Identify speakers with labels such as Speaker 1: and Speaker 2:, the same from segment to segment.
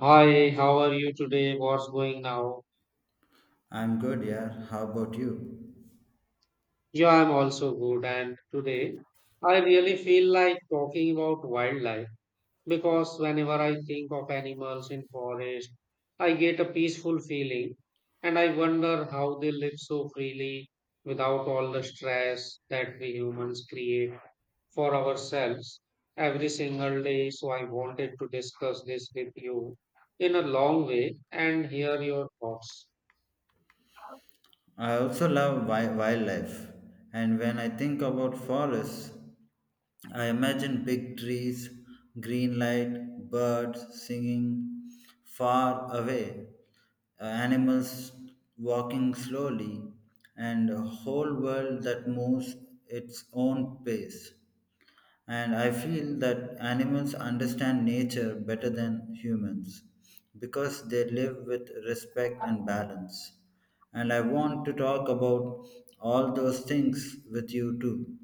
Speaker 1: Hi, how are you today? What's going now?
Speaker 2: I'm good, yeah. How about you?
Speaker 1: Yeah, I'm also good. And today, I really feel like talking about wildlife because whenever I think of animals in forest, I get a peaceful feeling and I wonder how they live so freely without all the stress that we humans create for ourselves every single day. So I wanted to discuss this with you in a long way and hear your thoughts.
Speaker 2: I also love wildlife, and when I think about forests, I imagine big trees, green light, birds singing far away, animals walking slowly, and a whole world that moves its own pace. And I feel that animals understand nature better than humans because they live with respect and balance. And I want to talk about all those things with you too.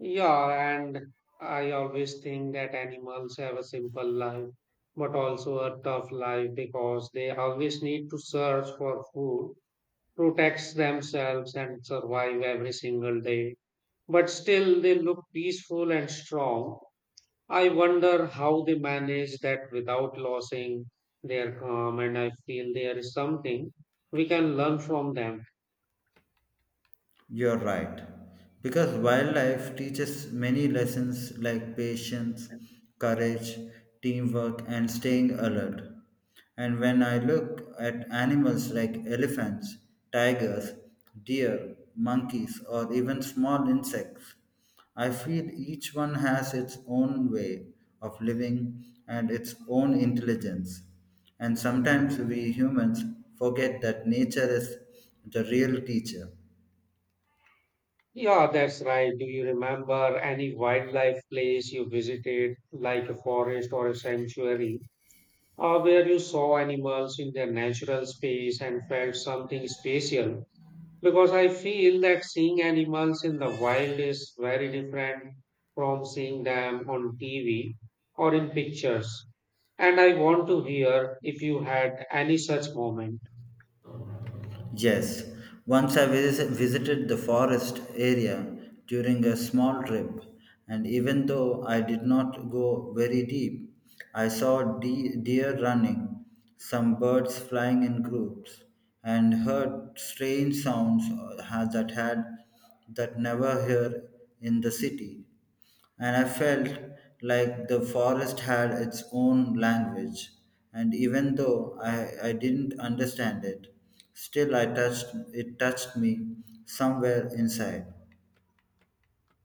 Speaker 1: Yeah, and I always think that animals have a simple life, but also a tough life because they always need to search for food, protect themselves, and survive every single day. But still, they look peaceful and strong. I wonder how they manage that without losing their calm, and I feel there is something we can learn from them.
Speaker 2: You're right. Because wildlife teaches many lessons like patience, courage, teamwork, and staying alert. And when I look at animals like elephants, tigers, deer, monkeys, or even small insects, I feel each one has its own way of living and its own intelligence. And sometimes we humans forget that nature is the real teacher.
Speaker 1: Yeah, that's right. Do you remember any wildlife place you visited, like a forest or a sanctuary, or where you saw animals in their natural space and felt something special? Because I feel that seeing animals in the wild is very different from seeing them on TV or in pictures. And I want to hear if you had any such moment.
Speaker 2: Yes, once I visited the forest area during a small trip, and even though I did not go very deep, I saw deer running, some birds flying in groups, and heard strange sounds that had that never hear in the city, and I felt like the forest had its own language. And even though I didn't understand it, still I touched it touched me somewhere inside.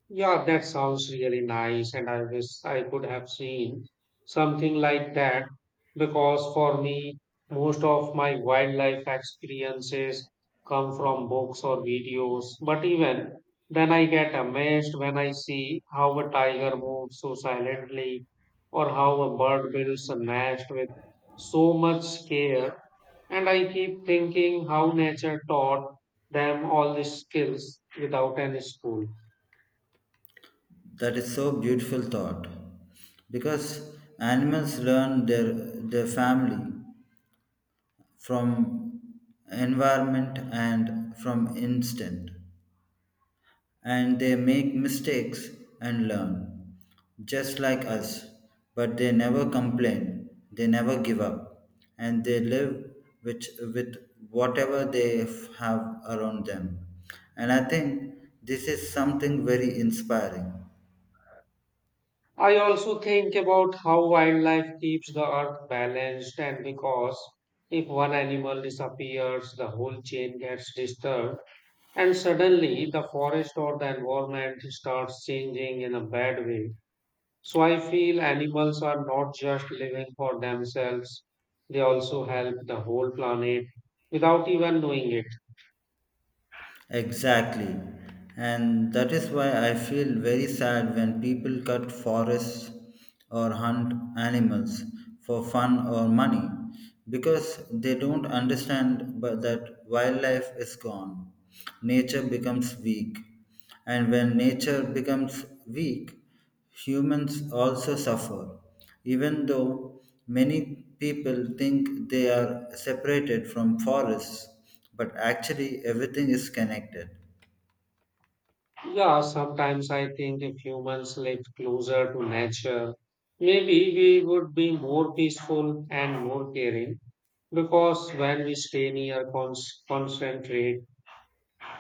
Speaker 1: Yeah, that sounds really nice, and I wish I could have seen something like that because for me, most of my wildlife experiences come from books or videos. But even then, I get amazed when I see how a tiger moves so silently or how a bird builds a nest with so much care. And I keep thinking how nature taught them all these skills without any school.
Speaker 2: That is so beautiful thought. Because animals learn their family from environment and from instinct. And they make mistakes and learn, just like us. But they never complain, they never give up, and they live which, with whatever they have around them. And I think this is something very inspiring.
Speaker 1: I also think about how wildlife keeps the earth balanced, and because if one animal disappears, the whole chain gets disturbed, and suddenly the forest or the environment starts changing in a bad way. So I feel animals are not just living for themselves, they also help the whole planet without even knowing it.
Speaker 2: Exactly. And that is why I feel very sad when people cut forests or hunt animals for fun or money because they don't understand but that wildlife is gone. Nature becomes weak. And when nature becomes weak, humans also suffer, even though many people think they are separated from forests, but actually everything is connected.
Speaker 1: Yeah, sometimes I think if humans lived closer to nature, maybe we would be more peaceful and more caring. Because when we stay near, concentrate,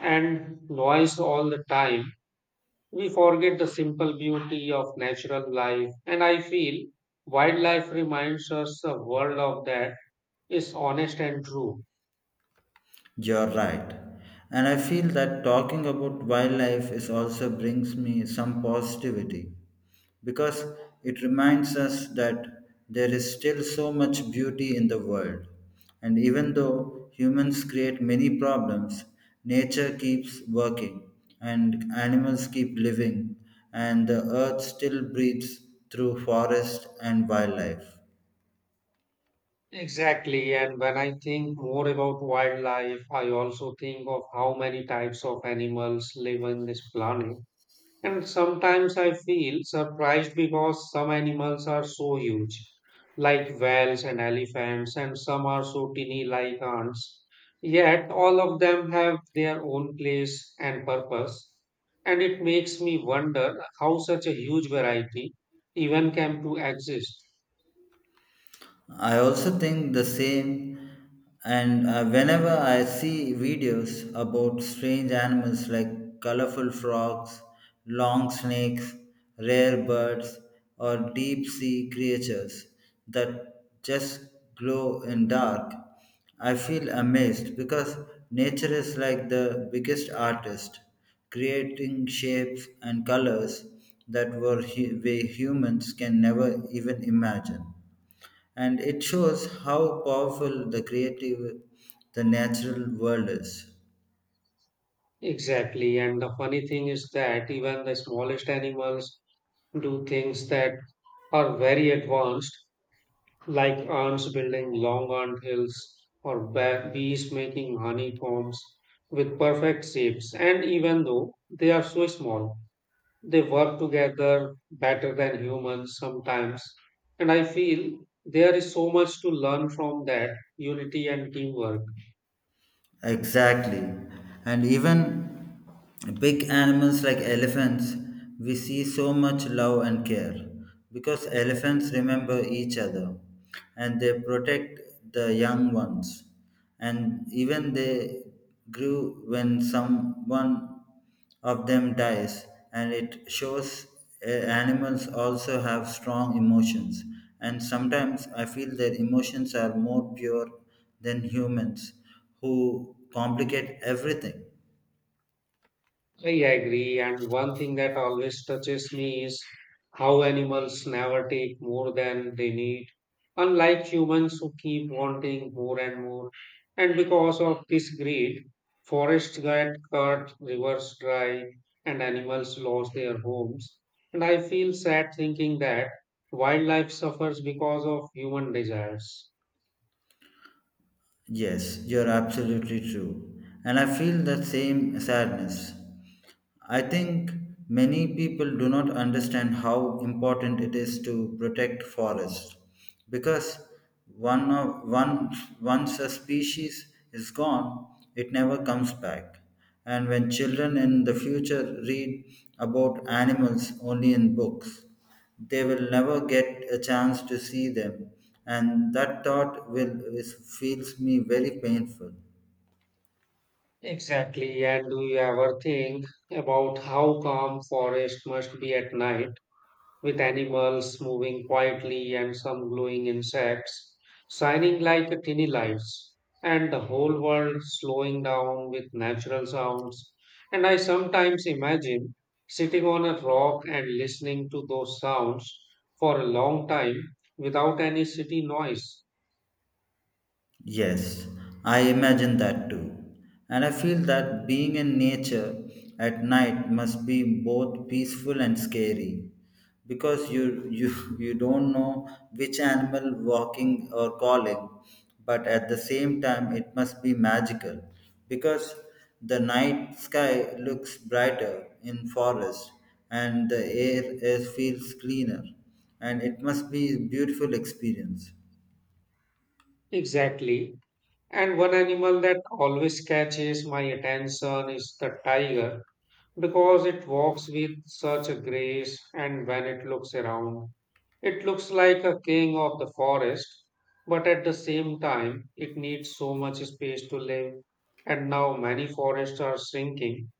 Speaker 1: and noise all the time, we forget the simple beauty of natural life. And I feel wildlife reminds us a world of that is honest and true.
Speaker 2: You're right. And I feel that talking about wildlife is also brings me some positivity because it reminds us that there is still so much beauty in the world. And even though humans create many problems, nature keeps working and animals keep living and the earth still breathes through forest and wildlife.
Speaker 1: Exactly. And when I think more about wildlife, I also think of how many types of animals live on this planet. And sometimes I feel surprised because some animals are so huge, like whales and elephants, and some are so tiny, like ants. Yet all of them have their own place and purpose. And it makes me wonder how such a huge variety even came to exist.
Speaker 2: I also think the same. And whenever I see videos about strange animals like colorful frogs, long snakes, rare birds, or deep sea creatures that just glow in dark, I feel amazed because nature is like the biggest artist, creating shapes and colors that we humans can never even imagine, and it shows how powerful the creative the natural world is.
Speaker 1: Exactly. And the funny thing is that even the smallest animals do things that are very advanced, like ants building long ant hills or bees making honeycombs with perfect shapes. And even though they are so small, they work together better than humans sometimes. And I feel there is so much to learn from that unity and teamwork.
Speaker 2: Exactly. And even big animals like elephants, we see so much love and care because elephants remember each other and they protect the young ones, and even they grew when someone of them dies. And it shows animals also have strong emotions, and sometimes I feel their emotions are more pure than humans who complicate everything.
Speaker 1: I agree. And one thing that always touches me is how animals never take more than they need, unlike humans who keep wanting more and more. And because of this greed, forests get cut, rivers dry, and animals lose their homes. And I feel sad thinking that wildlife suffers because of human desires.
Speaker 2: Yes, you're absolutely true, and I feel the same sadness. I think many people do not understand how important it is to protect forests because one of, one, once a species is gone, it never comes back. And when children in the future read about animals only in books, they will never get a chance to see them. And that feels me very painful.
Speaker 1: Exactly. And do you ever think about how calm forest must be at night, with animals moving quietly and some glowing insects shining like tiny lights, and the whole world slowing down with natural sounds. And I sometimes imagine sitting on a rock and listening to those sounds for a long time without any city noise.
Speaker 2: Yes, I imagine that too. And I feel that being in nature at night must be both peaceful and scary because you you don't know which animal walking or calling, but at the same time it must be magical because the night sky looks brighter in forest, and the air feels cleaner, and it must be beautiful experience.
Speaker 1: Exactly. And one animal that always catches my attention is the tiger because it walks with such a grace, and when it looks around, it looks like a king of the forest, but at the same time, it needs so much space to live. And now many forests are shrinking,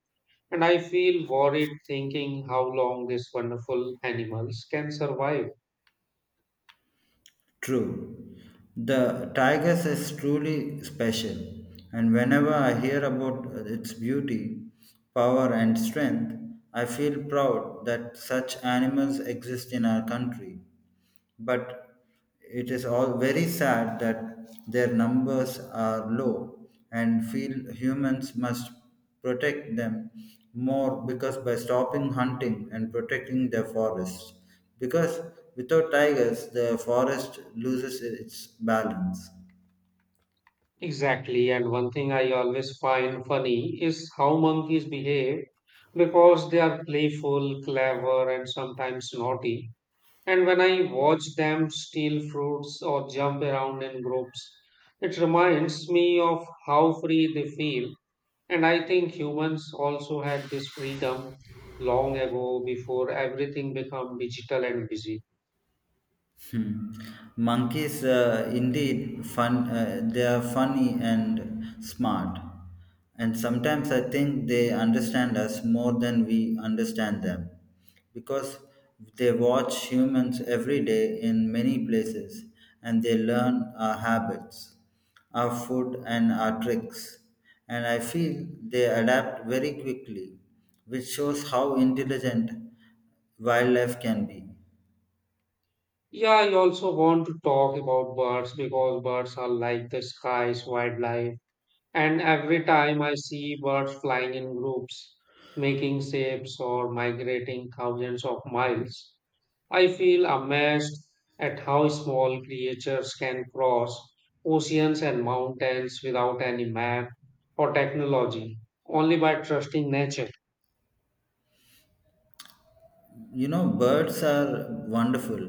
Speaker 1: and I feel worried thinking how long these wonderful animals can survive.
Speaker 2: True. The Tigers is truly special, and whenever I hear about its beauty, power, and strength, I feel proud that such animals exist in our country. But it is all very sad that their numbers are low, and feel humans must protect them more because by stopping hunting and protecting their forests. Because without tigers, the forest loses its balance.
Speaker 1: Exactly, and one thing I always find funny is how monkeys behave because they are playful, clever, and sometimes naughty. And when I watch them steal fruits or jump around in groups, it reminds me of how free they feel. And I think humans also had this freedom long ago before everything became digital and busy.
Speaker 2: Hmm. Monkeys, indeed, fun. They are funny and smart, and sometimes I think they understand us more than we understand them, because they watch humans every day in many places, and they learn our habits, our food, and our tricks. And I feel they adapt very quickly, which shows how intelligent wildlife can be.
Speaker 1: Yeah, I also want to talk about birds because birds are like the sky's wildlife. And every time I see birds flying in groups, making shapes or migrating thousands of miles, I feel amazed at how small creatures can cross oceans and mountains without any map or technology, only by trusting nature.
Speaker 2: You know birds are wonderful,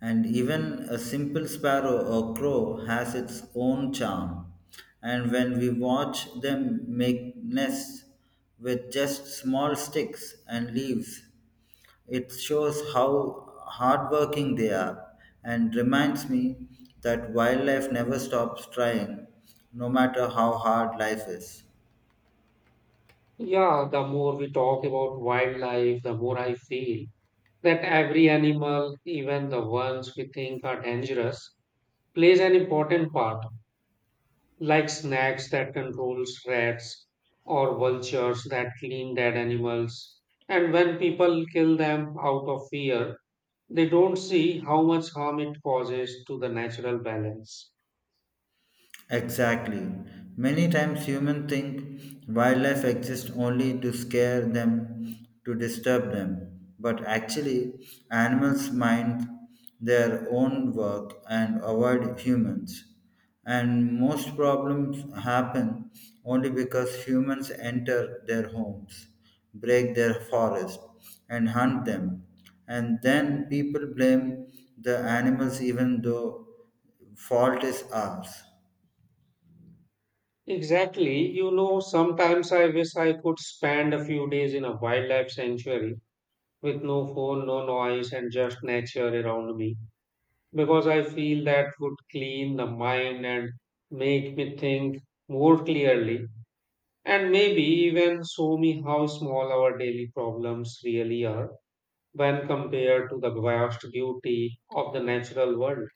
Speaker 2: and even a simple sparrow or crow has its own charm, and when we watch them make nests with just small sticks and leaves, it shows how hardworking they are and reminds me that wildlife never stops trying, no matter how hard life is.
Speaker 1: Yeah, the more we talk about wildlife, the more I feel that every animal, even the ones we think are dangerous, plays an important part, like snakes that controls rats or vultures that clean dead animals. And when people kill them out of fear, they don't see how much harm it causes to the natural balance.
Speaker 2: Exactly. Many times humans think wildlife exists only to scare them, to disturb them. But actually, animals mind their own work and avoid humans. And most problems happen only because humans enter their homes, break their forest, and hunt them. And then people blame the animals even though fault is ours.
Speaker 1: Exactly. You know, sometimes I wish I could spend a few days in a wildlife sanctuary with no phone, no noise, and just nature around me because I feel that would clean the mind and make me think more clearly and maybe even show me how small our daily problems really are when compared to the vast beauty of the natural world.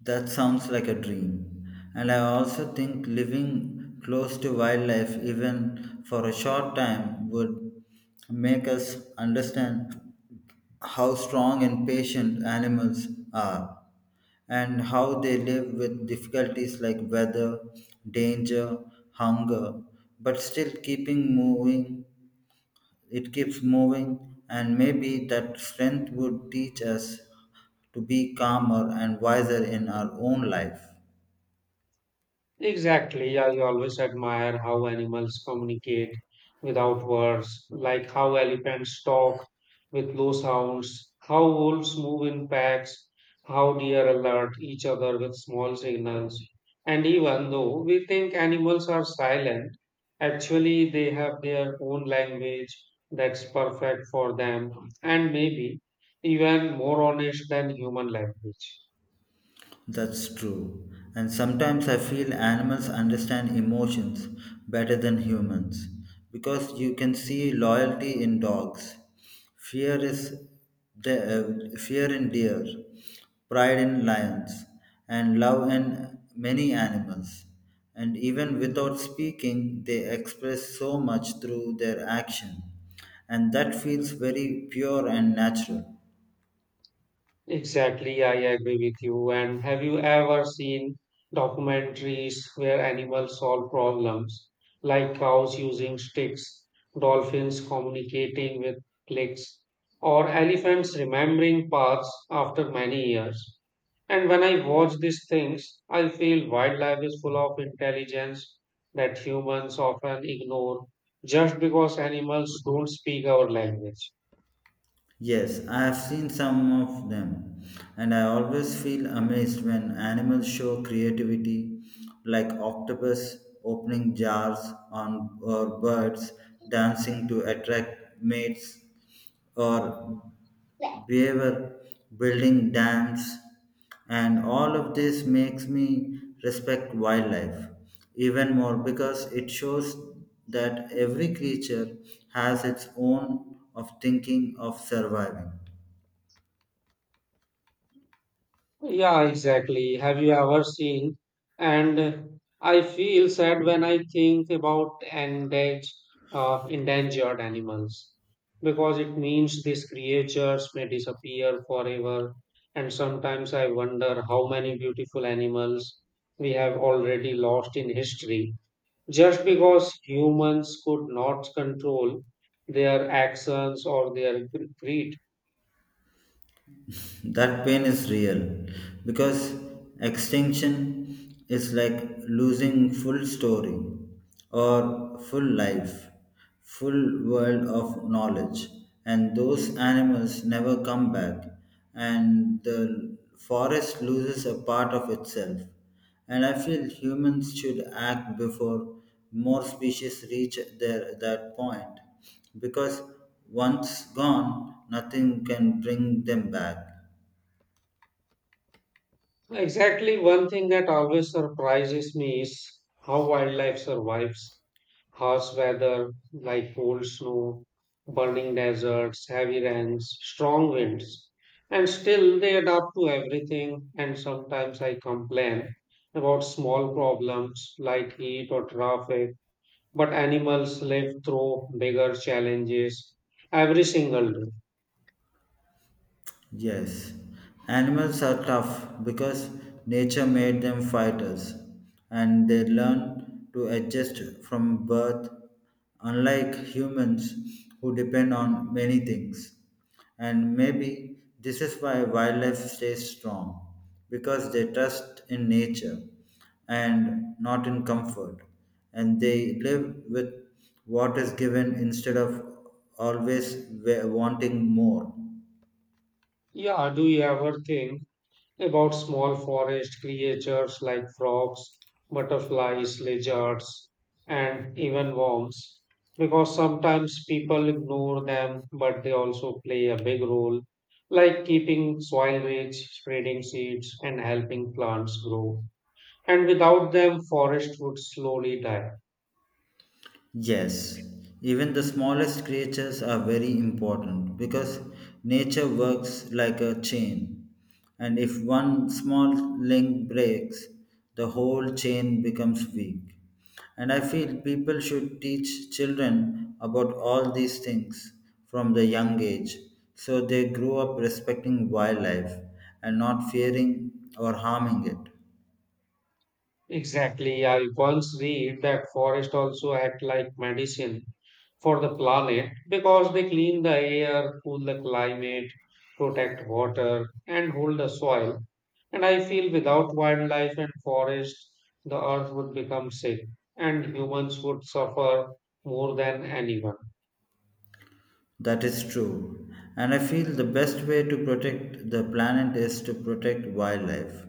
Speaker 2: That sounds like a dream. And I also think living close to wildlife, even for a short time, would make us understand how strong and patient animals are, and how they live with difficulties like weather, danger, hunger, but still keeping moving. It keeps moving, and maybe that strength would teach us to be calmer and wiser in our own life.
Speaker 1: Exactly. I always admire how animals communicate without words, like how elephants talk with low sounds, how wolves move in packs, how deer alert each other with small signals. And even though we think animals are silent, actually they have their own language that's perfect for them and maybe even more honest than human language.
Speaker 2: That's true. And sometimes I feel animals understand emotions better than humans because you can see loyalty in dogs. Fear is Fear in deer, pride in lions, and love in many animals. And even without speaking, they express so much through their action. And that feels very pure and natural.
Speaker 1: Exactly, I agree with you. And have you ever seen documentaries where animals solve problems, like cows using sticks, dolphins communicating with clicks, or elephants remembering paths after many years? And when I watch these things, I feel wildlife is full of intelligence that humans often ignore just because animals don't speak our language.
Speaker 2: Yes, I have seen some of them, and I always feel amazed when animals show creativity, like octopus opening jars on or birds dancing to attract mates, or beaver building dams. And all of this makes me respect wildlife even more because it shows that every creature has its own of thinking of surviving.
Speaker 1: Yeah, exactly. Have you ever seen? And I feel sad when I think about endangered animals because it means these creatures may disappear forever. And sometimes I wonder how many beautiful animals we have already lost in history just because humans could not control their actions or their greed.
Speaker 2: That pain is real because extinction is like losing full story or full life, full world of knowledge, and those animals never come back, and the forest loses a part of itself. And I feel humans should act before more species that point because once gone, nothing can bring them back.
Speaker 1: Exactly, one thing that always surprises me is how wildlife survives harsh weather like cold snow, burning deserts, heavy rains, strong winds, and still they adapt to everything. And sometimes I complain about small problems like heat or traffic, but animals live through bigger challenges every single day.
Speaker 2: Yes, animals are tough because nature made them fighters and they learn to adjust from birth, unlike humans who depend on many things. And maybe this is why wildlife stays strong because they trust in nature and not in comfort, and they live with what is given instead of always wanting more.
Speaker 1: Yeah, do you ever think about small forest creatures like frogs, butterflies, lizards, and even worms, because sometimes people ignore them, but they also play a big role, like keeping soil rich, spreading seeds, and helping plants grow. And without them, forest would slowly die.
Speaker 2: Yes, even the smallest creatures are very important because nature works like a chain, and if one small link breaks, the whole chain becomes weak. And I feel people should teach children about all these things from the young age so they grow up respecting wildlife and not fearing or harming it.
Speaker 1: Exactly. I once read that forests also act like medicine for the planet because they clean the air, cool the climate, protect water, and hold the soil. And I feel without wildlife and forests, the earth would become sick and humans would suffer more than anyone.
Speaker 2: That is true. And I feel the best way to protect the planet is to protect wildlife.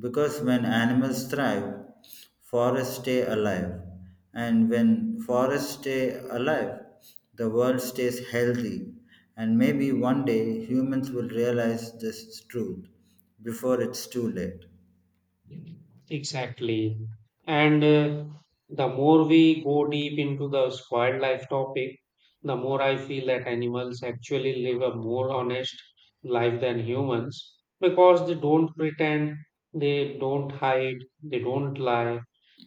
Speaker 2: Because when animals thrive, forests stay alive. And when forests stay alive, the world stays healthy. And maybe one day humans will realize this truth before it's too late.
Speaker 1: Exactly. And the more we go deep into the wildlife topic, the more I feel that animals actually live a more honest life than humans because they don't pretend, they don't hide, they don't lie,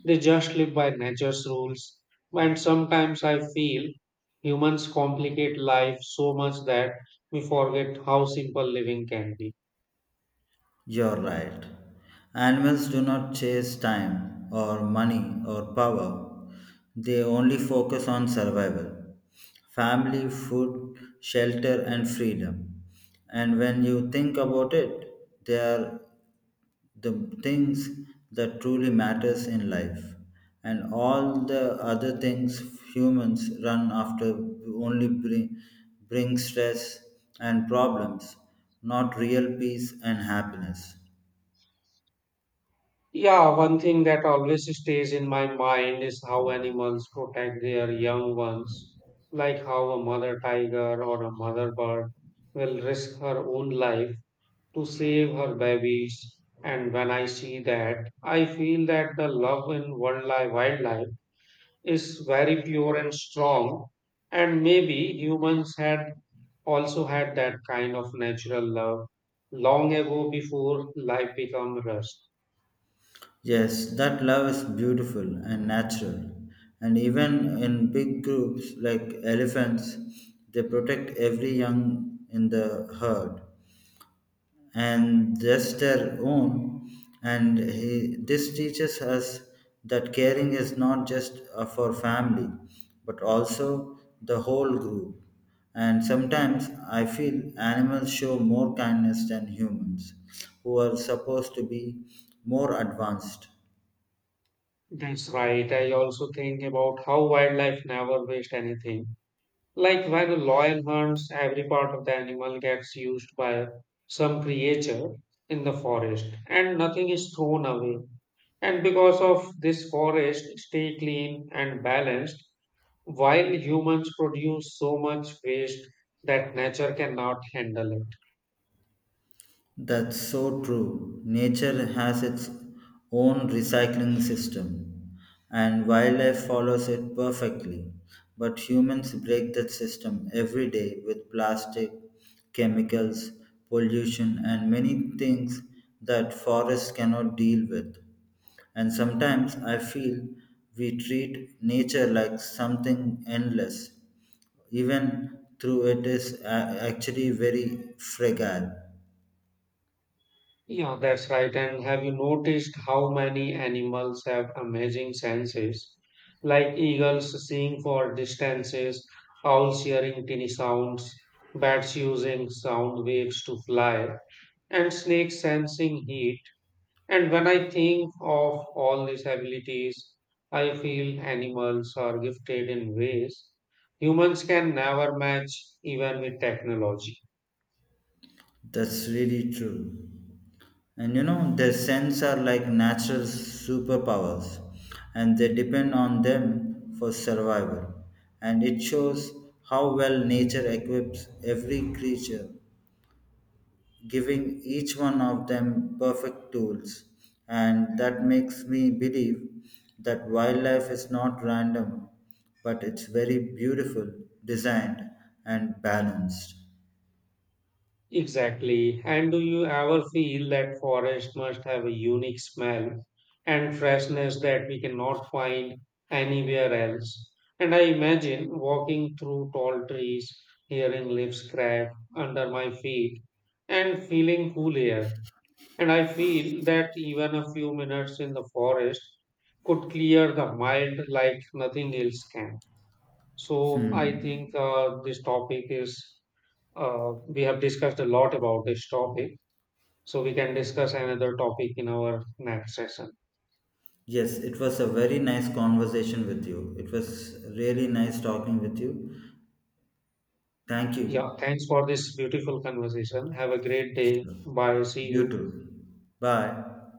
Speaker 1: they just live by nature's rules. And sometimes I feel humans complicate life so much that we forget how simple living can be.
Speaker 2: You're right. Animals do not chase time or money or power. They only focus on survival, family, food, shelter, and freedom. And when you think about it, they are the things that truly matters in life. And all the other things humans run after only bring stress and problems, not real peace and happiness.
Speaker 1: Yeah, one thing that always stays in my mind is how animals protect their young ones, like how a mother tiger or a mother bird will risk her own life to save her babies. And when I see that, I feel that the love in wildlife is very pure and strong. And maybe humans had also had that kind of natural love long ago before life became rushed.
Speaker 2: Yes, that love is beautiful and natural. And even in big groups like elephants, they protect every young in the herd and just their own. And this teaches us that caring is not just for family, but also the whole group. And sometimes I feel animals show more kindness than humans, who are supposed to be more advanced.
Speaker 1: That's right. I also think about how wildlife never waste anything. Like when a lion hunts, every part of the animal gets used by some creature in the forest, and nothing is thrown away. And because of this, forest stay clean and balanced, while humans produce so much waste that nature cannot handle it.
Speaker 2: That's so true. Nature has its own recycling system, and wildlife follows it perfectly. But humans break that system every day with plastic, chemicals, pollution, and many things that forests cannot deal with. And sometimes I feel we treat nature like something endless, even though it is actually very fragile.
Speaker 1: Yeah, that's right. And have you noticed how many animals have amazing senses? Like eagles seeing for distances, owls hearing tiny sounds, bats using sound waves to fly, and snakes sensing heat. And when I think of all these abilities, I feel animals are gifted in ways humans can never match, even with technology.
Speaker 2: That's really true. And you know, their sense are like natural superpowers and they depend on them for survival. And it shows how well nature equips every creature, giving each one of them perfect tools. And that makes me believe that wildlife is not random, but it's very beautiful, designed, and balanced.
Speaker 1: Exactly. And do you ever feel that forest must have a unique smell and freshness that we cannot find anywhere else? And I imagine walking through tall trees, hearing leaves crack under my feet, and feeling cool air. And I feel that even a few minutes in the forest could clear the mind like nothing else can. So I think
Speaker 2: Hmm.
Speaker 1: this topic is we have discussed a lot about this topic, so we can discuss another topic in our next session.
Speaker 2: Yes, it was a very nice conversation with you. It was really nice talking with you. Thank
Speaker 1: Yeah,
Speaker 2: you.
Speaker 1: thanks for this beautiful conversation. Have a great day. Bye. See
Speaker 2: You
Speaker 1: you.
Speaker 2: too. Bye.